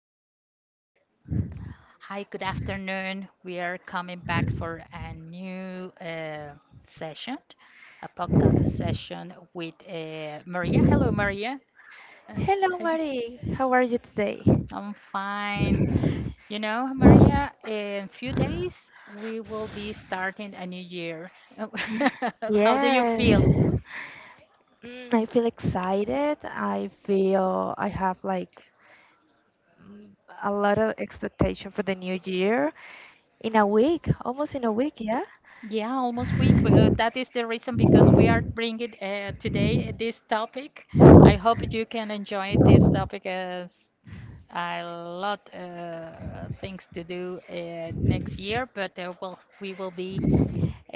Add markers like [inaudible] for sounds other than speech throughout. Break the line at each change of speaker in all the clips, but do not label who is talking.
Okay, all right. Hi, good afternoon. We are coming back for a new session, a podcast session with Maria. Hello, Maria. Uh,
Hello,
hello.
Marie. How are you today?
I'm fine. You know, Maria, in few days we will be starting a new year. [laughs] How do you feel?
Yes, I feel excited. I feel I have like a lot of expectation for the new year. In a week, almost in a week, yeah?
Yeah, almost week. Well, that is the reason because we are bringing today this topic. I hope you can enjoy this topic as a lot things to do next year, but well, we will be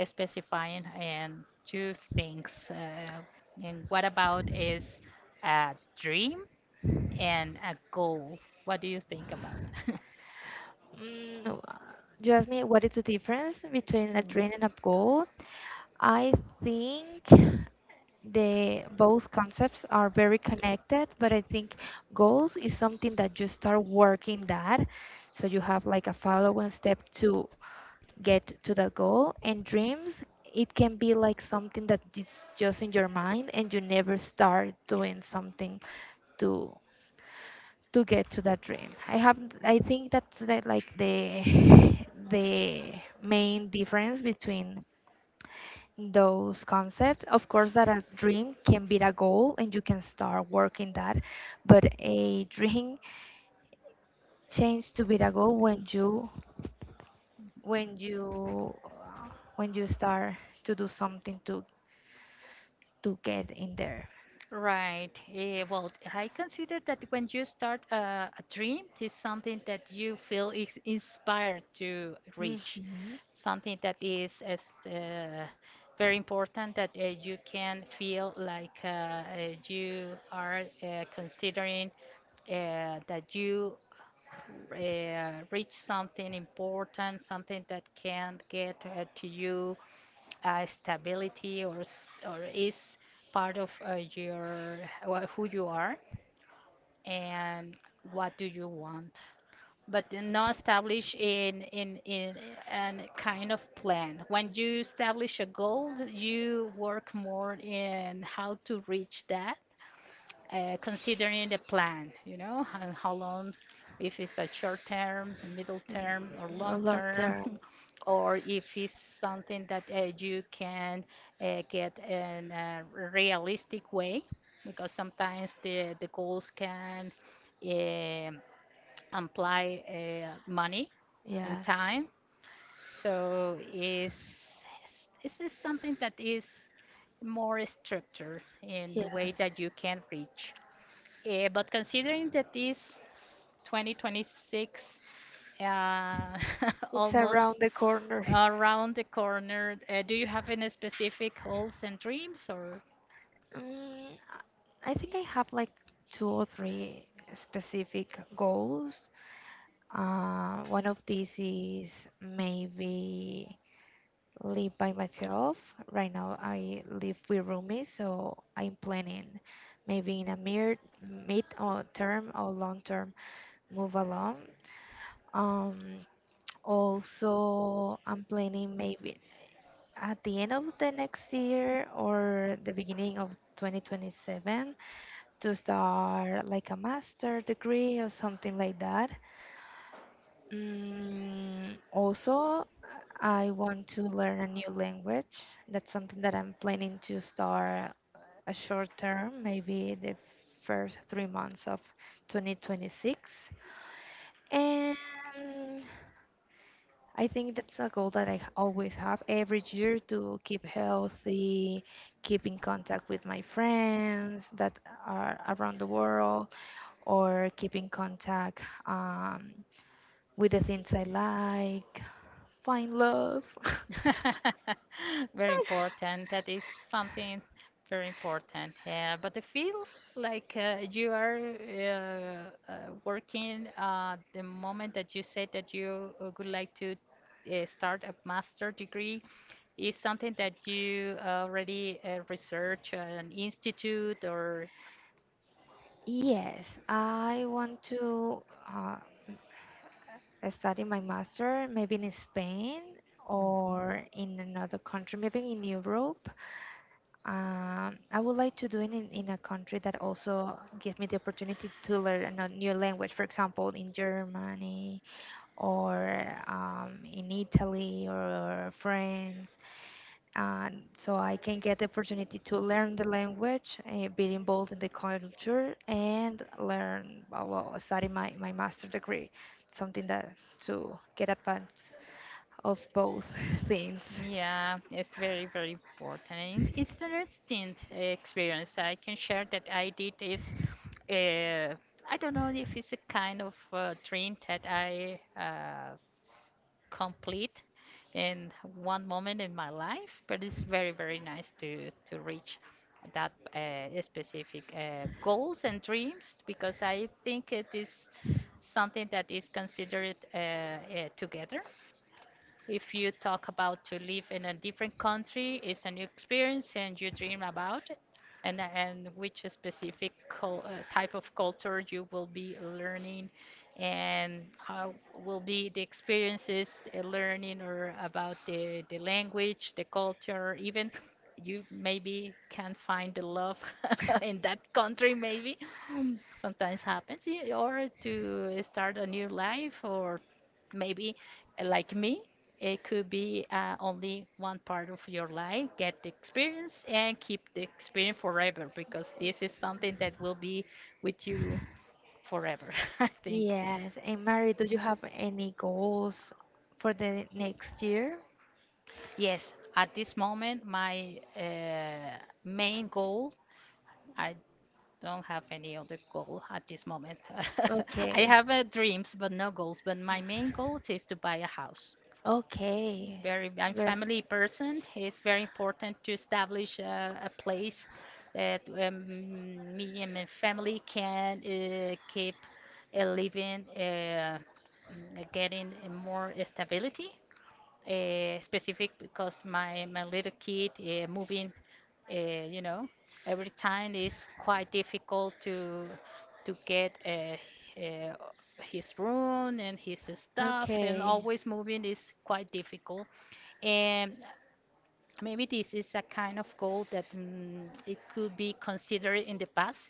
specifying and two things. And what about is a dream and a goal? What do you think about? [laughs]
Mm, you asked me what is the difference between a dream and a goal. I think the both concepts are very connected, but I think goals is something that you start working that. So you have like a following step to get to that goal. And dreams, it can be like something that is just in your mind and you never start doing something to to get to that dream. I have I think that's the, like the [sighs] [laughs] the main difference between those concepts. Of course that a dream can be a goal and you can start working that, but a dream changes to be a goal when you when you when you start to do something to get in there.
Right. Well, I consider that when you start a dream, it's something that you feel is inspired to reach,
Mhm.
something that is uh, very important that you can feel like you are considering that you reach something important, something that can get to you stability or or is part of your who you are and what do you want, but then not establish in an kind of plan. When you establish a goal, you work more in how to reach that, considering the plan, you know, and how long, if it's a short term, a middle term, or
A
long
long
term,
term,
[laughs] or if it's something that you can get in a realistic way, because sometimes the goals can um imply money and
yes.
time. So is this something that is more structured in
Yeah,
the way that you can reach? Eh, but considering that is 2026 uh, [laughs]
it's around
almost
the corner.
around the corner, do you have any specific goals and dreams or?
Mm, I think I have like two or three specific goals. One of these is maybe live by myself. Right now, I live with roomies, so I'm planning maybe in a mere mid or term or long term move along. Um, also, I'm planning maybe at the end of the next year or the beginning of 2027 to start like a master degree or something like that. Also, I want to learn a new language. That's something that I'm planning to start a short term, maybe the first 3 months of 2026. And I think that's a goal that always have every year to keep healthy, keep in contact with my friends that are around the world, or keep in contact um, with the things I like. Find love. [laughs]
[laughs] Very important. That is something very important. Yeah, but I feel like you are working the moment that you said that you would like to start a master degree is something that you already research at an institute or?
Yes, I want to uh, study my master maybe in Spain
Mhm.
or in another country, maybe in Europe. I would like to do it in a country that also give me the opportunity to learn a new language, for example, in Germany or in Italy or France, and so I can get the opportunity to learn the language, be involved in the culture, and learn well, study my master degree, something that to get advance of both [laughs] things.
Yeah, it's very, very important. And it's the interesting experience I can share that I did is, uh, I don't know if it's a kind of dream that I complete in one moment in my life, but it's very, very nice to reach that specific goals and dreams, because I think it is something that is considered together. If you talk about to live in a different country, it's a new experience and you dream about it, and which specific type of culture you will be learning and how will be the experiences learning or about the language, the culture, even you maybe can find the love [laughs] in that country maybe [clears throat] sometimes happens or to start a new life or maybe like me, it could be only one part of your life. Get the experience and keep the experience forever, because this is something that will be with you forever, [laughs] I think.
Yes, and Mary, do you have any goals for the next year?
Yes, at this moment, my main goal, I don't have any other goal at this moment. [laughs] I
Okay.
have dreams, but no goals. But my main goal is to buy a house.
Okay.
Very I'm
Ver-
family person. It's very important to establish a place that me and my family can keep living, getting more stability specific, because my little kid moving, you know, every time is quite difficult to get uh, his room and his stuff, and
Okay.
always moving is quite difficult. And maybe this is a kind of goal that it could be considered in the past,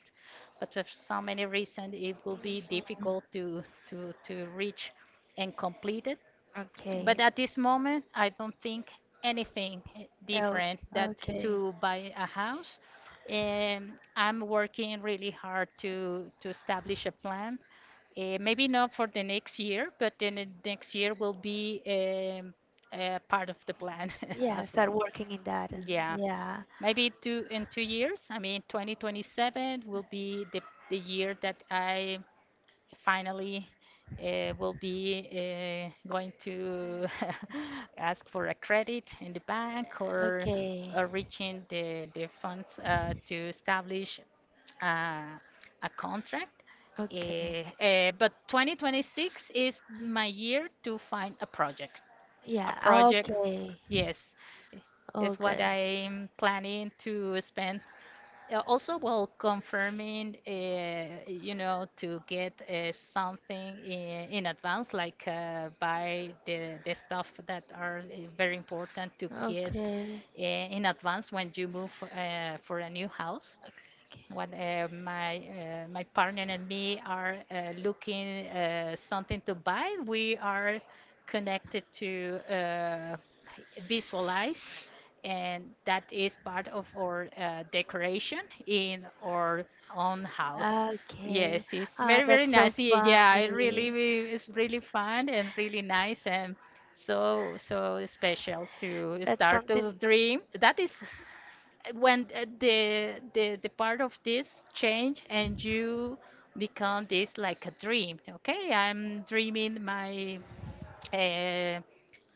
but for so many reasons, it will be difficult to reach and complete it,
Okay.
but at this moment, I don't think anything
Else.
different that
Okay.
to buy a house. And I'm working really hard to establish a plan. Eh, maybe not for the next year, but then the next year will be a part of the plan [laughs]
Yeah,
as
start
well.
working in that.
Yeah,
Yeah.
maybe 2 years. I mean, 2027 will be the year that I finally will be going to [laughs] ask for a credit in the bank, or,
Okay.
or reaching the funds to establish uh, a contract. Uh,
Okay.
but 2026 is my year to find a project. A
Yeah,
project,
okay.
yes,
Oh,
is what
good.
I'm planning to spend also while confirming you know, to get something in advance, like buy the stuff that are very important to get
Okay.
in advance when you move for a new house. When my partner and me are looking something to buy, we are connected to visualize, and that is part of our decoration in our own house.
Yes,
Yes,
okay.
it's
Ah,
very very
that's so
nice. Yeah, it really
funny.
it's really fun and really nice and so so special to
That's
start
something.
to dream. That is when the part of this change, and you become this like a dream. Okay, I'm dreaming my uh,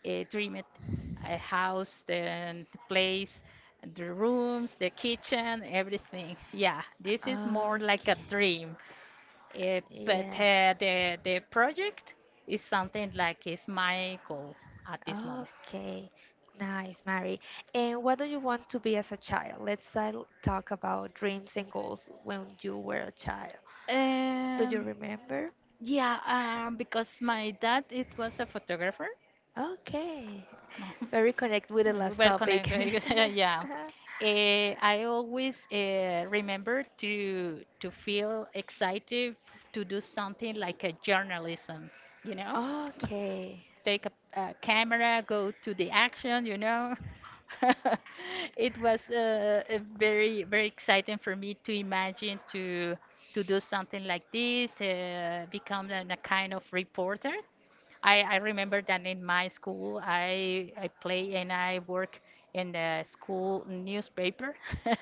dream it a house, the place, the rooms, the kitchen, everything. Yeah, this is more like a
Okay.
dream, but
Yeah.
the project is something like is my goal at this moment.
Okay, nice, Mary. And what do you want to be as a child? Let's talk about dreams and goals when you were a child. Do you
Um,
remember?
yeah, because my dad it was a photographer.
Okay, very connect with the
[laughs]
last
Well
topic.
connected, [laughs] yeah.
[laughs]
Eh, I always remember to feel excited to do something like a journalism, you know?
Okay,
[laughs] Take a camera, go to the action, you know? [laughs] It was a very very exciting for me to imagine to do something like this, become a kind of reporter. I remember that in my school, I play and I work in the school newspaper. [laughs]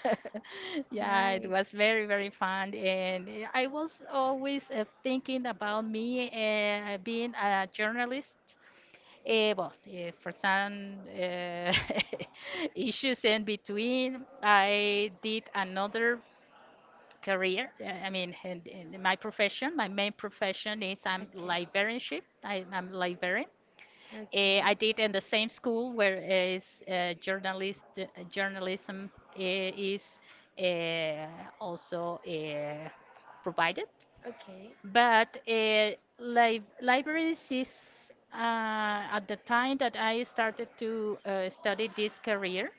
Yeah, it
nice.
was very, very fun. And eh, I was always thinking about me being a journalist. Well, eh, for some [laughs] issues in between, I did another career. I mean, and my profession, my main profession is I'm
Okay,
librarianship. I'm librarian.
okay,
I did in the same school where is journalist journalism is uh, also provided,
okay,
but li- libraries is at the time that I started to study this career.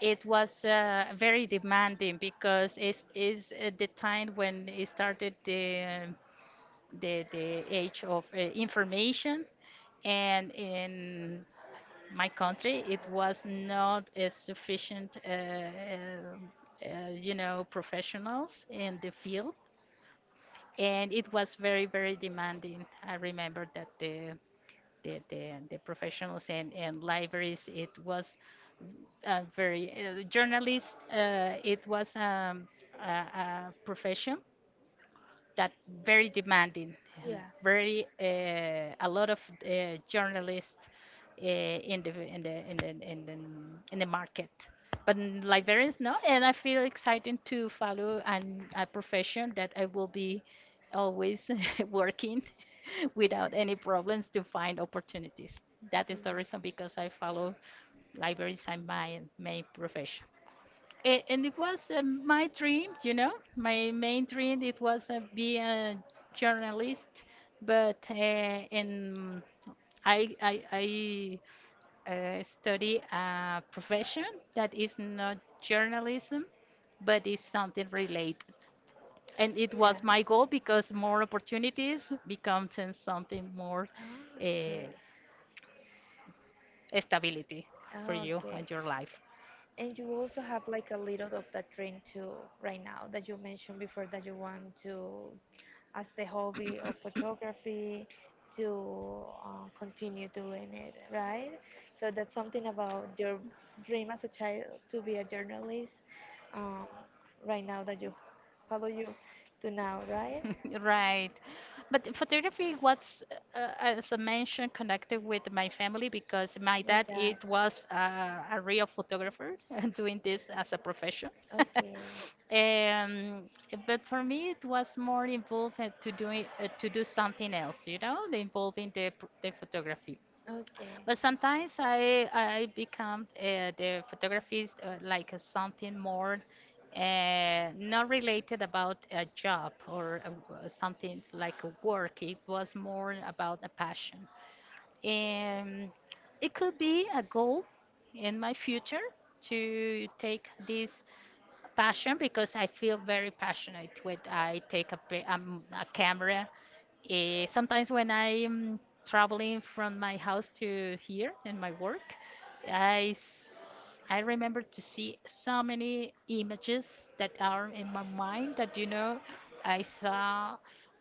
It was very demanding, because it is at the time when it started the age of information. And in my country, it was not a sufficient, you know, professionals in the field, and it was very, very demanding. I remember that the professionals and libraries, it was very journalists. It was a profession that very demanding,
yeah,
very a lot of journalists in the in the in the in the, in the market. But librarians, no, and I feel excited to follow a profession that I will be always [laughs] working [laughs] without any problems to find opportunities. That is the reason because I follow libraries as my main profession. And it was my dream, you know, my main dream. It was be a journalist, but in I study a profession that is not journalism, but is something related.
yeah,
And it
yeah.
was my goal, because more opportunities becomes and something more
Ah,
uh,
okay.
stability for
Ah,
you
okay.
and your life.
And you also have like a little of that dream too right now, that you mentioned before, that you want to, as the hobby of photography, to continue doing it, right? So that's something about your dream as a child to be a journalist, um, right now that you follow you to now, right?
[laughs] Right. But photography was, as I mentioned, connected with my family, because my
Your
dad
dad.
it was a real photographer [laughs] and doing this as a profession.
[laughs]
[laughs]
Okay.
Um, but for me, it was more involved to do something else, you know, the involving the photography.
Okay.
But sometimes I become the photography like something more not related about a job or something like a work. It was more about a passion, and it could be a goal in my future to take this passion, because I feel very passionate when I take a camera. Eh, sometimes when I'm traveling from my house to here in my work, I remember to see so many images that are in my mind that, you know, I saw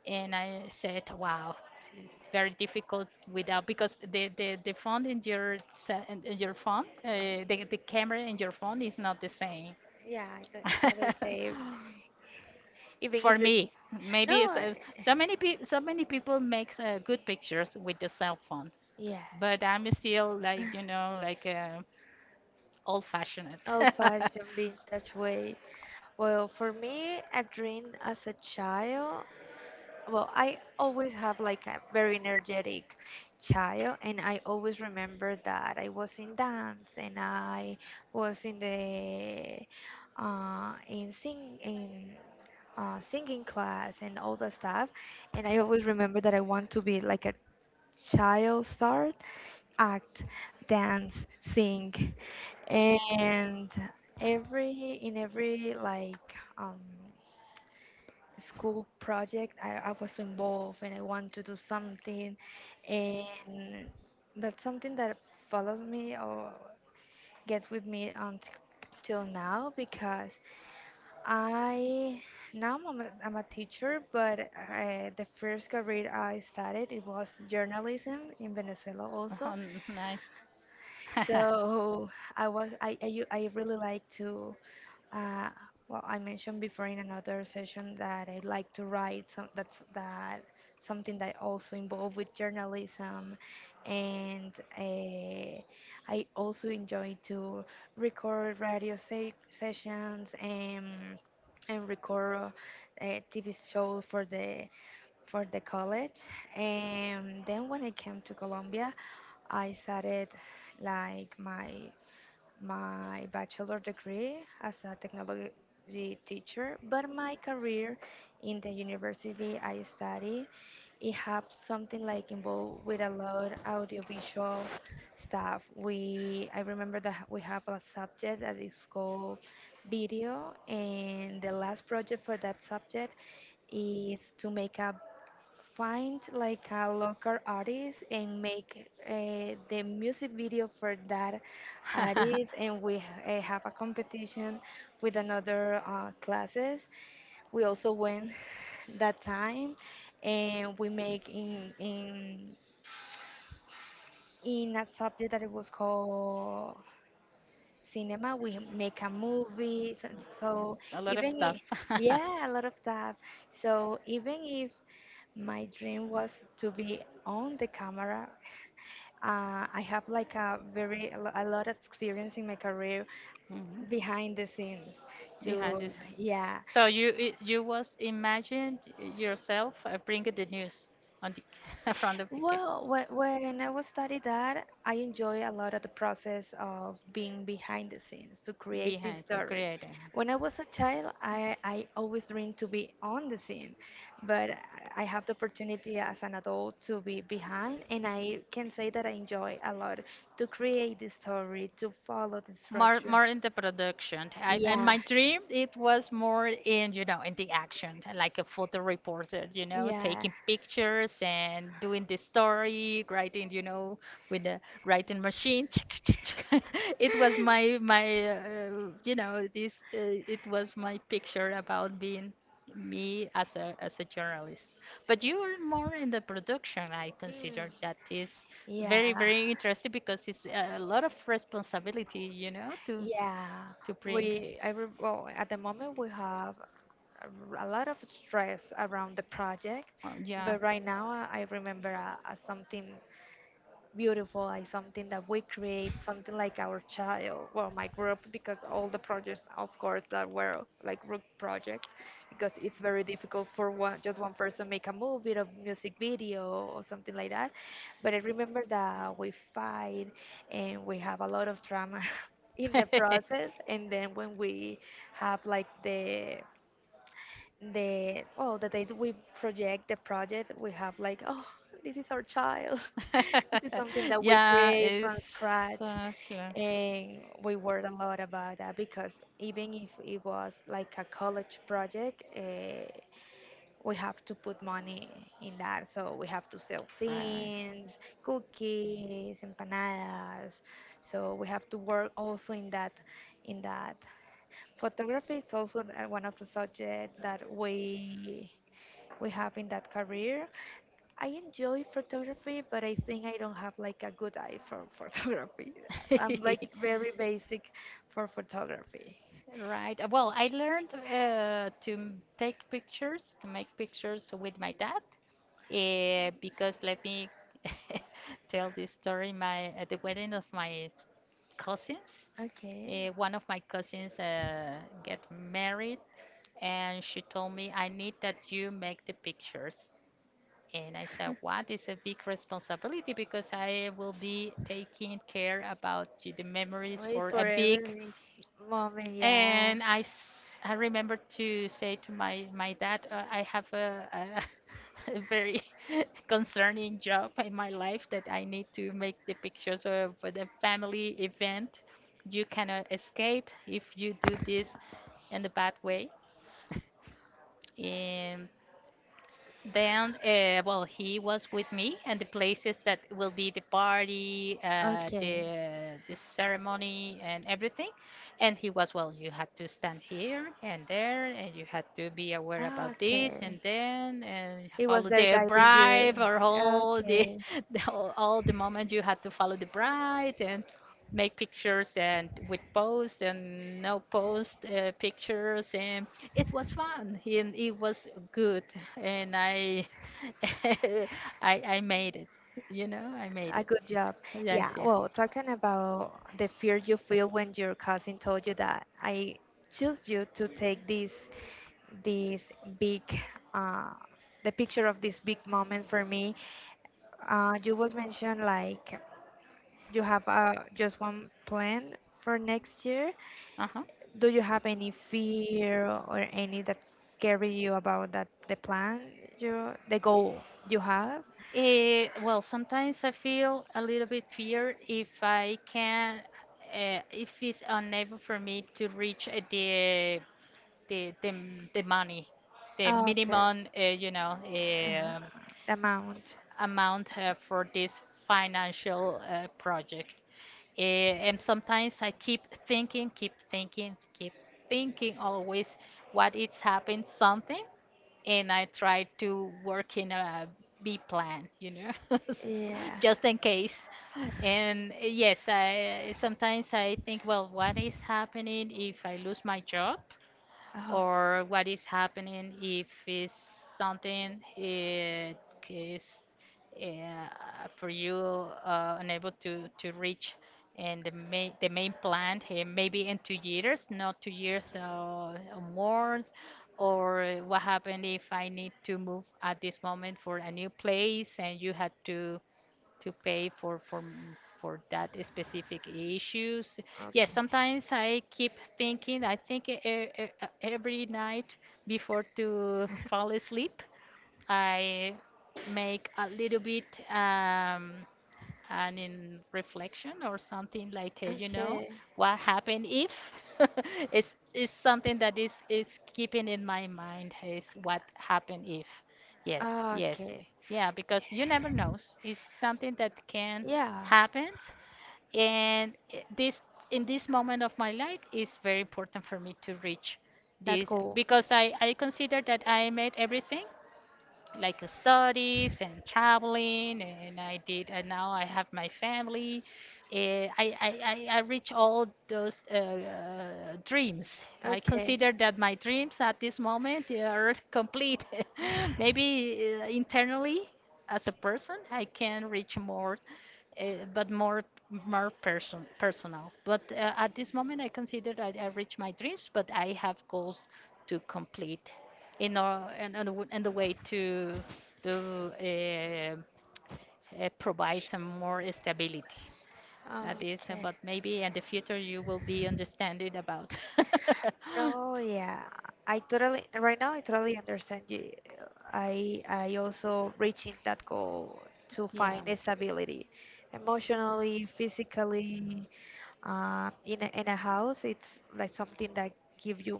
and I said, wow, very difficult without, because the phone in your se- in your phone, the camera in your phone is not the same.
Yeah, I got the same.
[laughs]
Even
For
[laughs]
me, maybe
nineties.
so many people make good pictures with the cell phone,
[laughs] Yeah,
but I'm still like you know like old fashioned. [laughs]
old fashioned vintage way. Well, for me, a dream as a child. Well, I always have like a very energetic child, and I always remember that I was in dance and I was in the in singing class and all that stuff, and I always remember that I want to be like a child star, act, dance, sing, and every in every like school project I was involved and I want to do something, and that's something that follows me or gets with me until now because I now I'm a teacher, but I, the first career I started it was journalism in Venezuela also,
Oh, nice.
so I was I really like to Uh, well, I mentioned before in another session that I like to write. Some that's that something that also involved with journalism, and uh, I also enjoy to record sessions and record TV show for the college. And then when I came to Colombia, I started like my bachelor degree as a technology teacher, but my career in the university I study, it have something like involved with a lot audiovisual stuff. We I remember that we have a subject that is called video, and the last project for that subject is to make a find like a local artist and make the music video for that
[laughs] [laughs]
artists, and we have a competition with another classes. We also win that time, and we make in a subject that it was called cinema we make a
a
movie. So, so
So lot of
even i-
stuff. [laughs]
yeah, a lot of stuff. So even if my dream was to be on the camera, I have like a very a lot of experience in my career
Mhm.
behind the scenes
Behind so
to
this.
yeah.
So you was imagined yourself bringing the news on the [laughs] front of the well, camp
Well, when I was studying that, I enjoy a lot of the process of being behind the scenes to create this
behind to create
story. When I was a
a-
child, I always dreamed to be on the scene, but I have the opportunity as an adult to be behind, and I can say that I enjoy a lot to create the story, to follow the
more
structure.
more in the production I, and
Yeah,
my dream it was more in you know in the action like a photo reporter you know
yeah.
taking pictures and doing the story writing you know with the writing machine [laughs] it was
[laughs]
my you know this it was my picture about being me as a journalist. But you are more in the production. I
Mm,
consider that is very
yeah.
very interesting because it's a lot of responsibility, you know,
Yeah,
to bring.
we I well, at the moment we have a a lot of stress around the project,
Yeah.
but right now I remember something beautiful, like something that we create, something like our child, well, my group, because all the projects, of course, that were like group projects, because it's very difficult for one, just one person, make a movie, a music video, or something like that. But I remember that we fight and we have a lot of drama [laughs] in the process,
[laughs]
and then when we have like the well the day that we project the project, we have like, oh, this is our child. [laughs] This is something that we
Yeah,
create from scratch,
uh, cla-
and we worried a lot about that because even if it was like a college project, we have to put money in that, so we have to sell
Right.
things, cookies, empanadas, so we have to work also in that. in that Photography is also one of the subjects that we have in that career. I enjoy photography, but I think I don't have like a good eye for [laughs] photography. I'm like very
[laughs]
basic for photography.
Right. Well, I learned to take pictures, to make pictures with my dad, because let me [laughs] tell this story. My at the wedding of my cousins,
Okay.
one of my cousins get married, and she told me I need that you make the pictures, and I said what is a big responsibility because I will be taking care about the memories
Wait
for a
for
big.
every moment, yeah.
And I remember to say to my dad, I have a [laughs] a very [laughs] concerning job in my life, that I need to make the pictures for the family event. You cannot escape if you do this in the bad way. [laughs] And then, well, he was with me, and the places that will be the party,
Okay.
the ceremony, and everything. And he was, well, you had to stand here and there, and you had to be aware
Ah,
about this
okay.
and then, and
He was
follow
there
the
guiding
bride
you.
or all the,
Okay.
[laughs] the all the moment you had to follow the bride and make pictures and with post and no post pictures. And it was fun and it was good, and I, [laughs] I made it. You know, I made
A
it.
good job.
Yes,
Yeah.
yeah.
Well, talking about the fear you feel when your cousin told you that I choose you to take this this big uh, the picture of this big moment for me. You was mentioned like you have just one plan for next year.
Uh-huh.
Do you have any fear or any that's scary you about that the plan you the goal you have?
Eh, well, sometimes I feel a little bit fear if I can, if it's unable for me to reach the the money, the minimum, you know,
Uh, the amount.
amount for this financial project. Eh, and sometimes I keep thinking, keep thinking, keep thinking always what it's happened something, and I try to work in a B plan, you know, [laughs]
Yeah.
just in case. And yes, I sometimes I think, well, what is happening if I lose my job?
Oh,
Or what is happening if it's something it is, uh, for you, unable to reach and the main plant? Maybe in 2 years, not 2 years, or more. Or what happened if I need to move at this moment for a new place and you had to pay for for that specific issues.
okay.
Yes, sometimes I keep thinking. I think every night before to fall asleep, I make a little bit. And in reflection or something like you know,
Okay.
what happened if [laughs] it's something that is keeping in my mind, is what happened if, yes, yes,
Okay.
yeah, because you never knows it's something that can
Yeah.
happen. And this in this moment of my life is very important for me to reach
That
this,
goal.
because I consider that I made everything, like studies and traveling, and I did, and now I have my family. Eh, I reach all those dreams. I
Okay.
consider that my dreams at this moment they are [laughs] complete. [laughs] Maybe
[sighs]
internally as a person I can reach more, uh, but more personal. But at this moment I consider that I reached my dreams, but I have goals to complete in our and the way to to uh, provide some more stability. That is,
Okay.
but maybe in the future you will be understanding about. [laughs]
No, yeah, I totally right now I totally understand you. I also reaching that goal to find
Yeah.
stability, emotionally, physically. In a house, it's like something that give you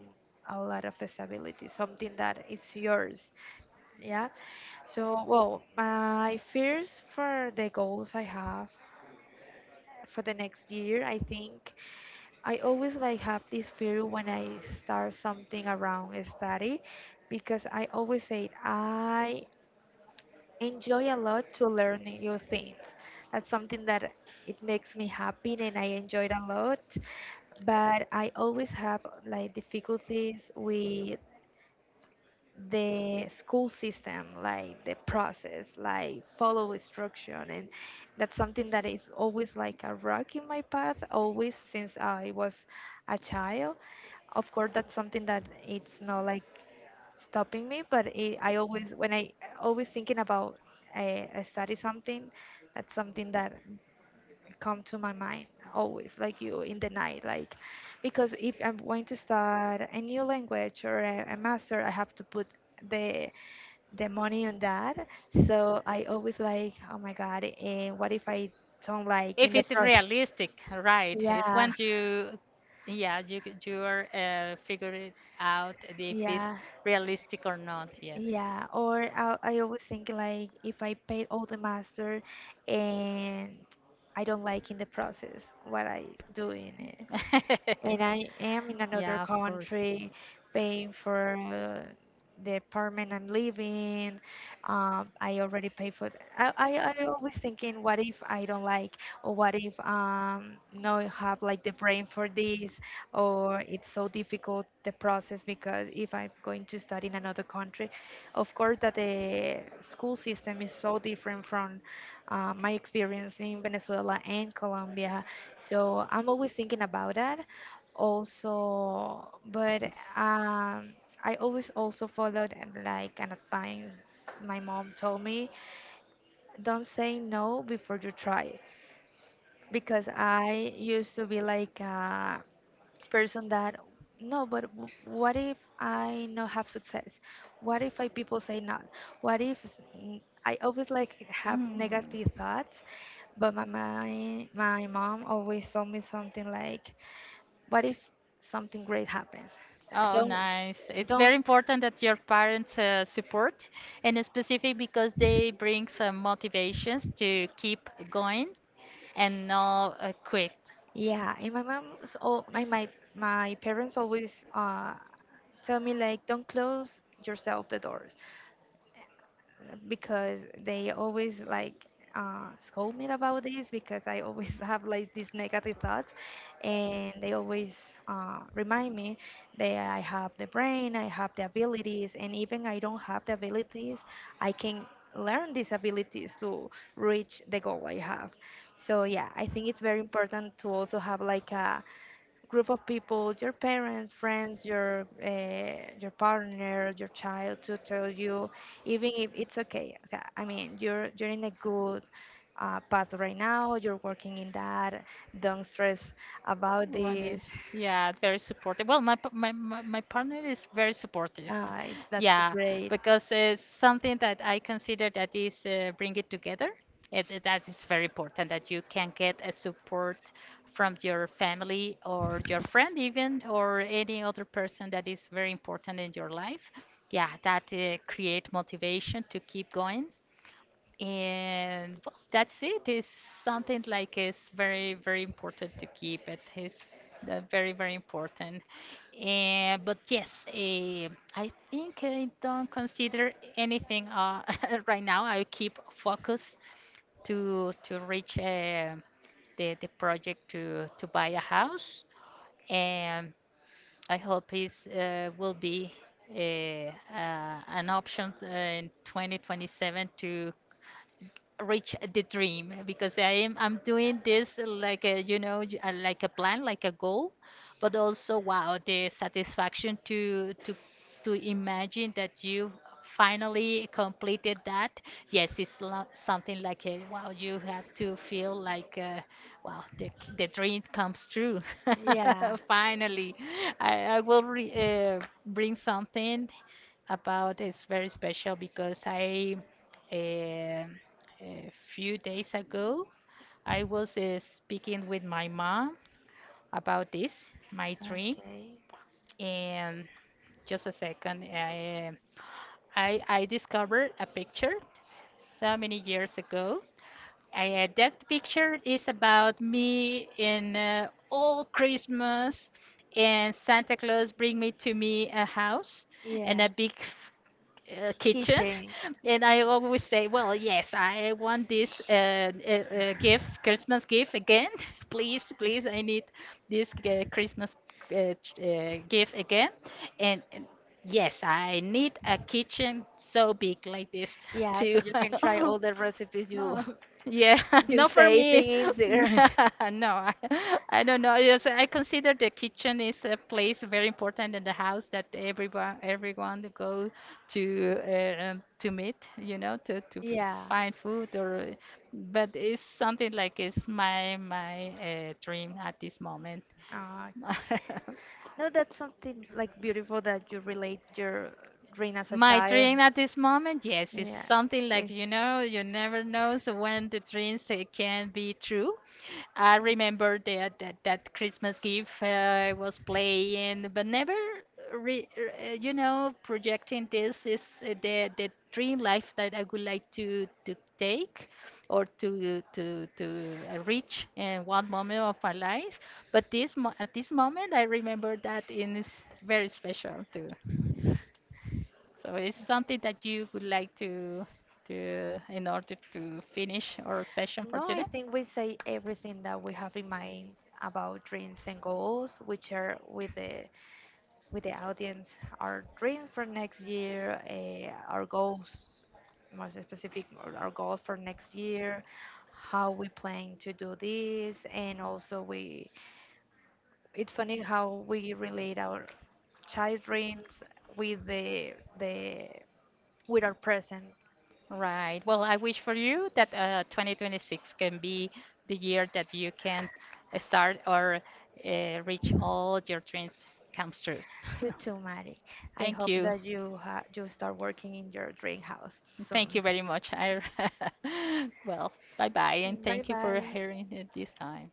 a lot of stability, something that it's yours. Yeah. So, well, my fears for the goals I have for the next year, I think I always like have this fear when I start something around a study because I always say I enjoy a lot to learn new things. That's something that it makes me happy and I enjoy it a lot. But I always have like difficulties with the school system, like the process, like follow instruction, and that's something that is always like a rock in my path, always since I was a child. Of course that's something that it's not like stopping me, but it, I always thinking about I study something. That's something that come to my mind always like you in the night like because if I'm going to start a new language or a master, I have to put the the money on that. So I always like, oh my god, and what if I don't like in
If
the
it's
process.
realistic, right? It's
Yeah.
when you, yeah, you you are figuring out if it's
Yeah.
realistic or not. Yes.
Yeah, or I always think like if I paid all the master and I don't like in the process, what I do in it,
[laughs]
and I am in another
Yeah, of course.
country paying for the apartment I'm living. I already pay for. I I always thinking, what if I don't like, or what if no have like the brain for this, or it's so difficult the process, because if I'm going to study in another country, of course that the school system is so different from my experience in Venezuela and Colombia. So I'm always thinking about that also, but um I always also followed and like an advice my mom told me, don't say no before you try. Because I used to be like a person that, no, but what if I not have success, what if I people say no, what if s- n- I always like have
Mm.
negative thoughts, but my mom always told me something like, what if something great happens? So
Oh,
Don't
nice. It's
don't
very important that your parents support, and in specific because they bring some motivations to keep going and not quit.
yeah. And my mom's all my parents always tell me like, don't close yourself the doors, because they always like scold me about this, because I always [laughs] have like these negative thoughts, and they always remind me that I have the brain, I have the abilities, and even I don't have the abilities, I can learn these abilities to reach the goal I have. So yeah, I think it's very important to also have like a group of people, your parents, friends, your partner, your child, to tell you, even if it's okay. O sea, I mean, you're in a good path right now. You're working in that. Don't stress about
What is,
this.
yeah, very supportive. Well, my, pa- my partner is very supportive. [laughs]
It's yeah, that's
Yeah,
great. [laughs]
because it's something that I consider that is, bring it together. That is very important that you can get a support from your family or your friend, even, or any other person that is very important in your life. Yeah, that create motivation to keep going. And well, that's it. It's something like it's very, very important to keep it. It's very, very important. But yes, I think I don't consider anything [laughs] right now. I keep focus to reach the project to buy a house. And I hope it will be an option in 2027 to reach the dream, because I'm doing this like a you know like a plan, like a goal. But also, wow, the satisfaction to imagine that you finally completed that. Yes, it's something like a wow, you have to feel like, wow, the the dream comes true.
Yeah.
[laughs] Finally, I will uh, bring something about, it's very special because I, uh, a few days ago, I was speaking with my mom about this, my dream,
Okay.
and just a second, I discovered a picture so many years ago. That picture is about me in, all Christmas, and Santa Claus bring me to me a house. Yeah. And
Yeah.
a big kitchen. [laughs]
[laughs]
And I always say, well, yes, I want this gift, christmas gift again. [laughs] Please, please, I need this christmas gift again. And yes, I need a kitchen so big like this [laughs]
Yeah. So
too.
you can [laughs] try
[laughs]
all the recipes you
No. Yeah, [laughs]
[laughs] you
not for me.
saving in there. [laughs]
[laughs] No, I don't know. Yes, I consider the kitchen is a place very important in the house that everyone to go to meet, you know, to find food or.
Yeah.
But it's something like it's my dream at this moment. [laughs]
No, that's something like beautiful that you relate your dream as a my
My
child.
dream
Dream
at this moment, yes,
is
is
yeah.
something like,
With
you know, you never knows when the dreams can be true. I remember that that Christmas gift, I was playing, but never, you know, projecting this is the dream life that I would like to take or to reach in one moment of my life. But this at this moment, I remember that, and it's very special too. So it's something that you would like to do in order to finish our session for
no, I
today?
think we say everything that we have in mind about dreams and goals, which are with the audience, our dreams for next year, our goals, more specific, our goals for next year, how we plan to do this, and also we it's funny how we relate our child dreams with the with our present.
Right. Well, I wish for you that 2026 can be the year that you can start or reach all your dreams comes true.
You too, Mari.
[laughs]
I
Thank
hope
you.
that you you start working in your dream house
Thank
soon.
you very much. I, [laughs] well, bye bye, and
Bye
thank you for
bye. [laughs]
hearing it this time.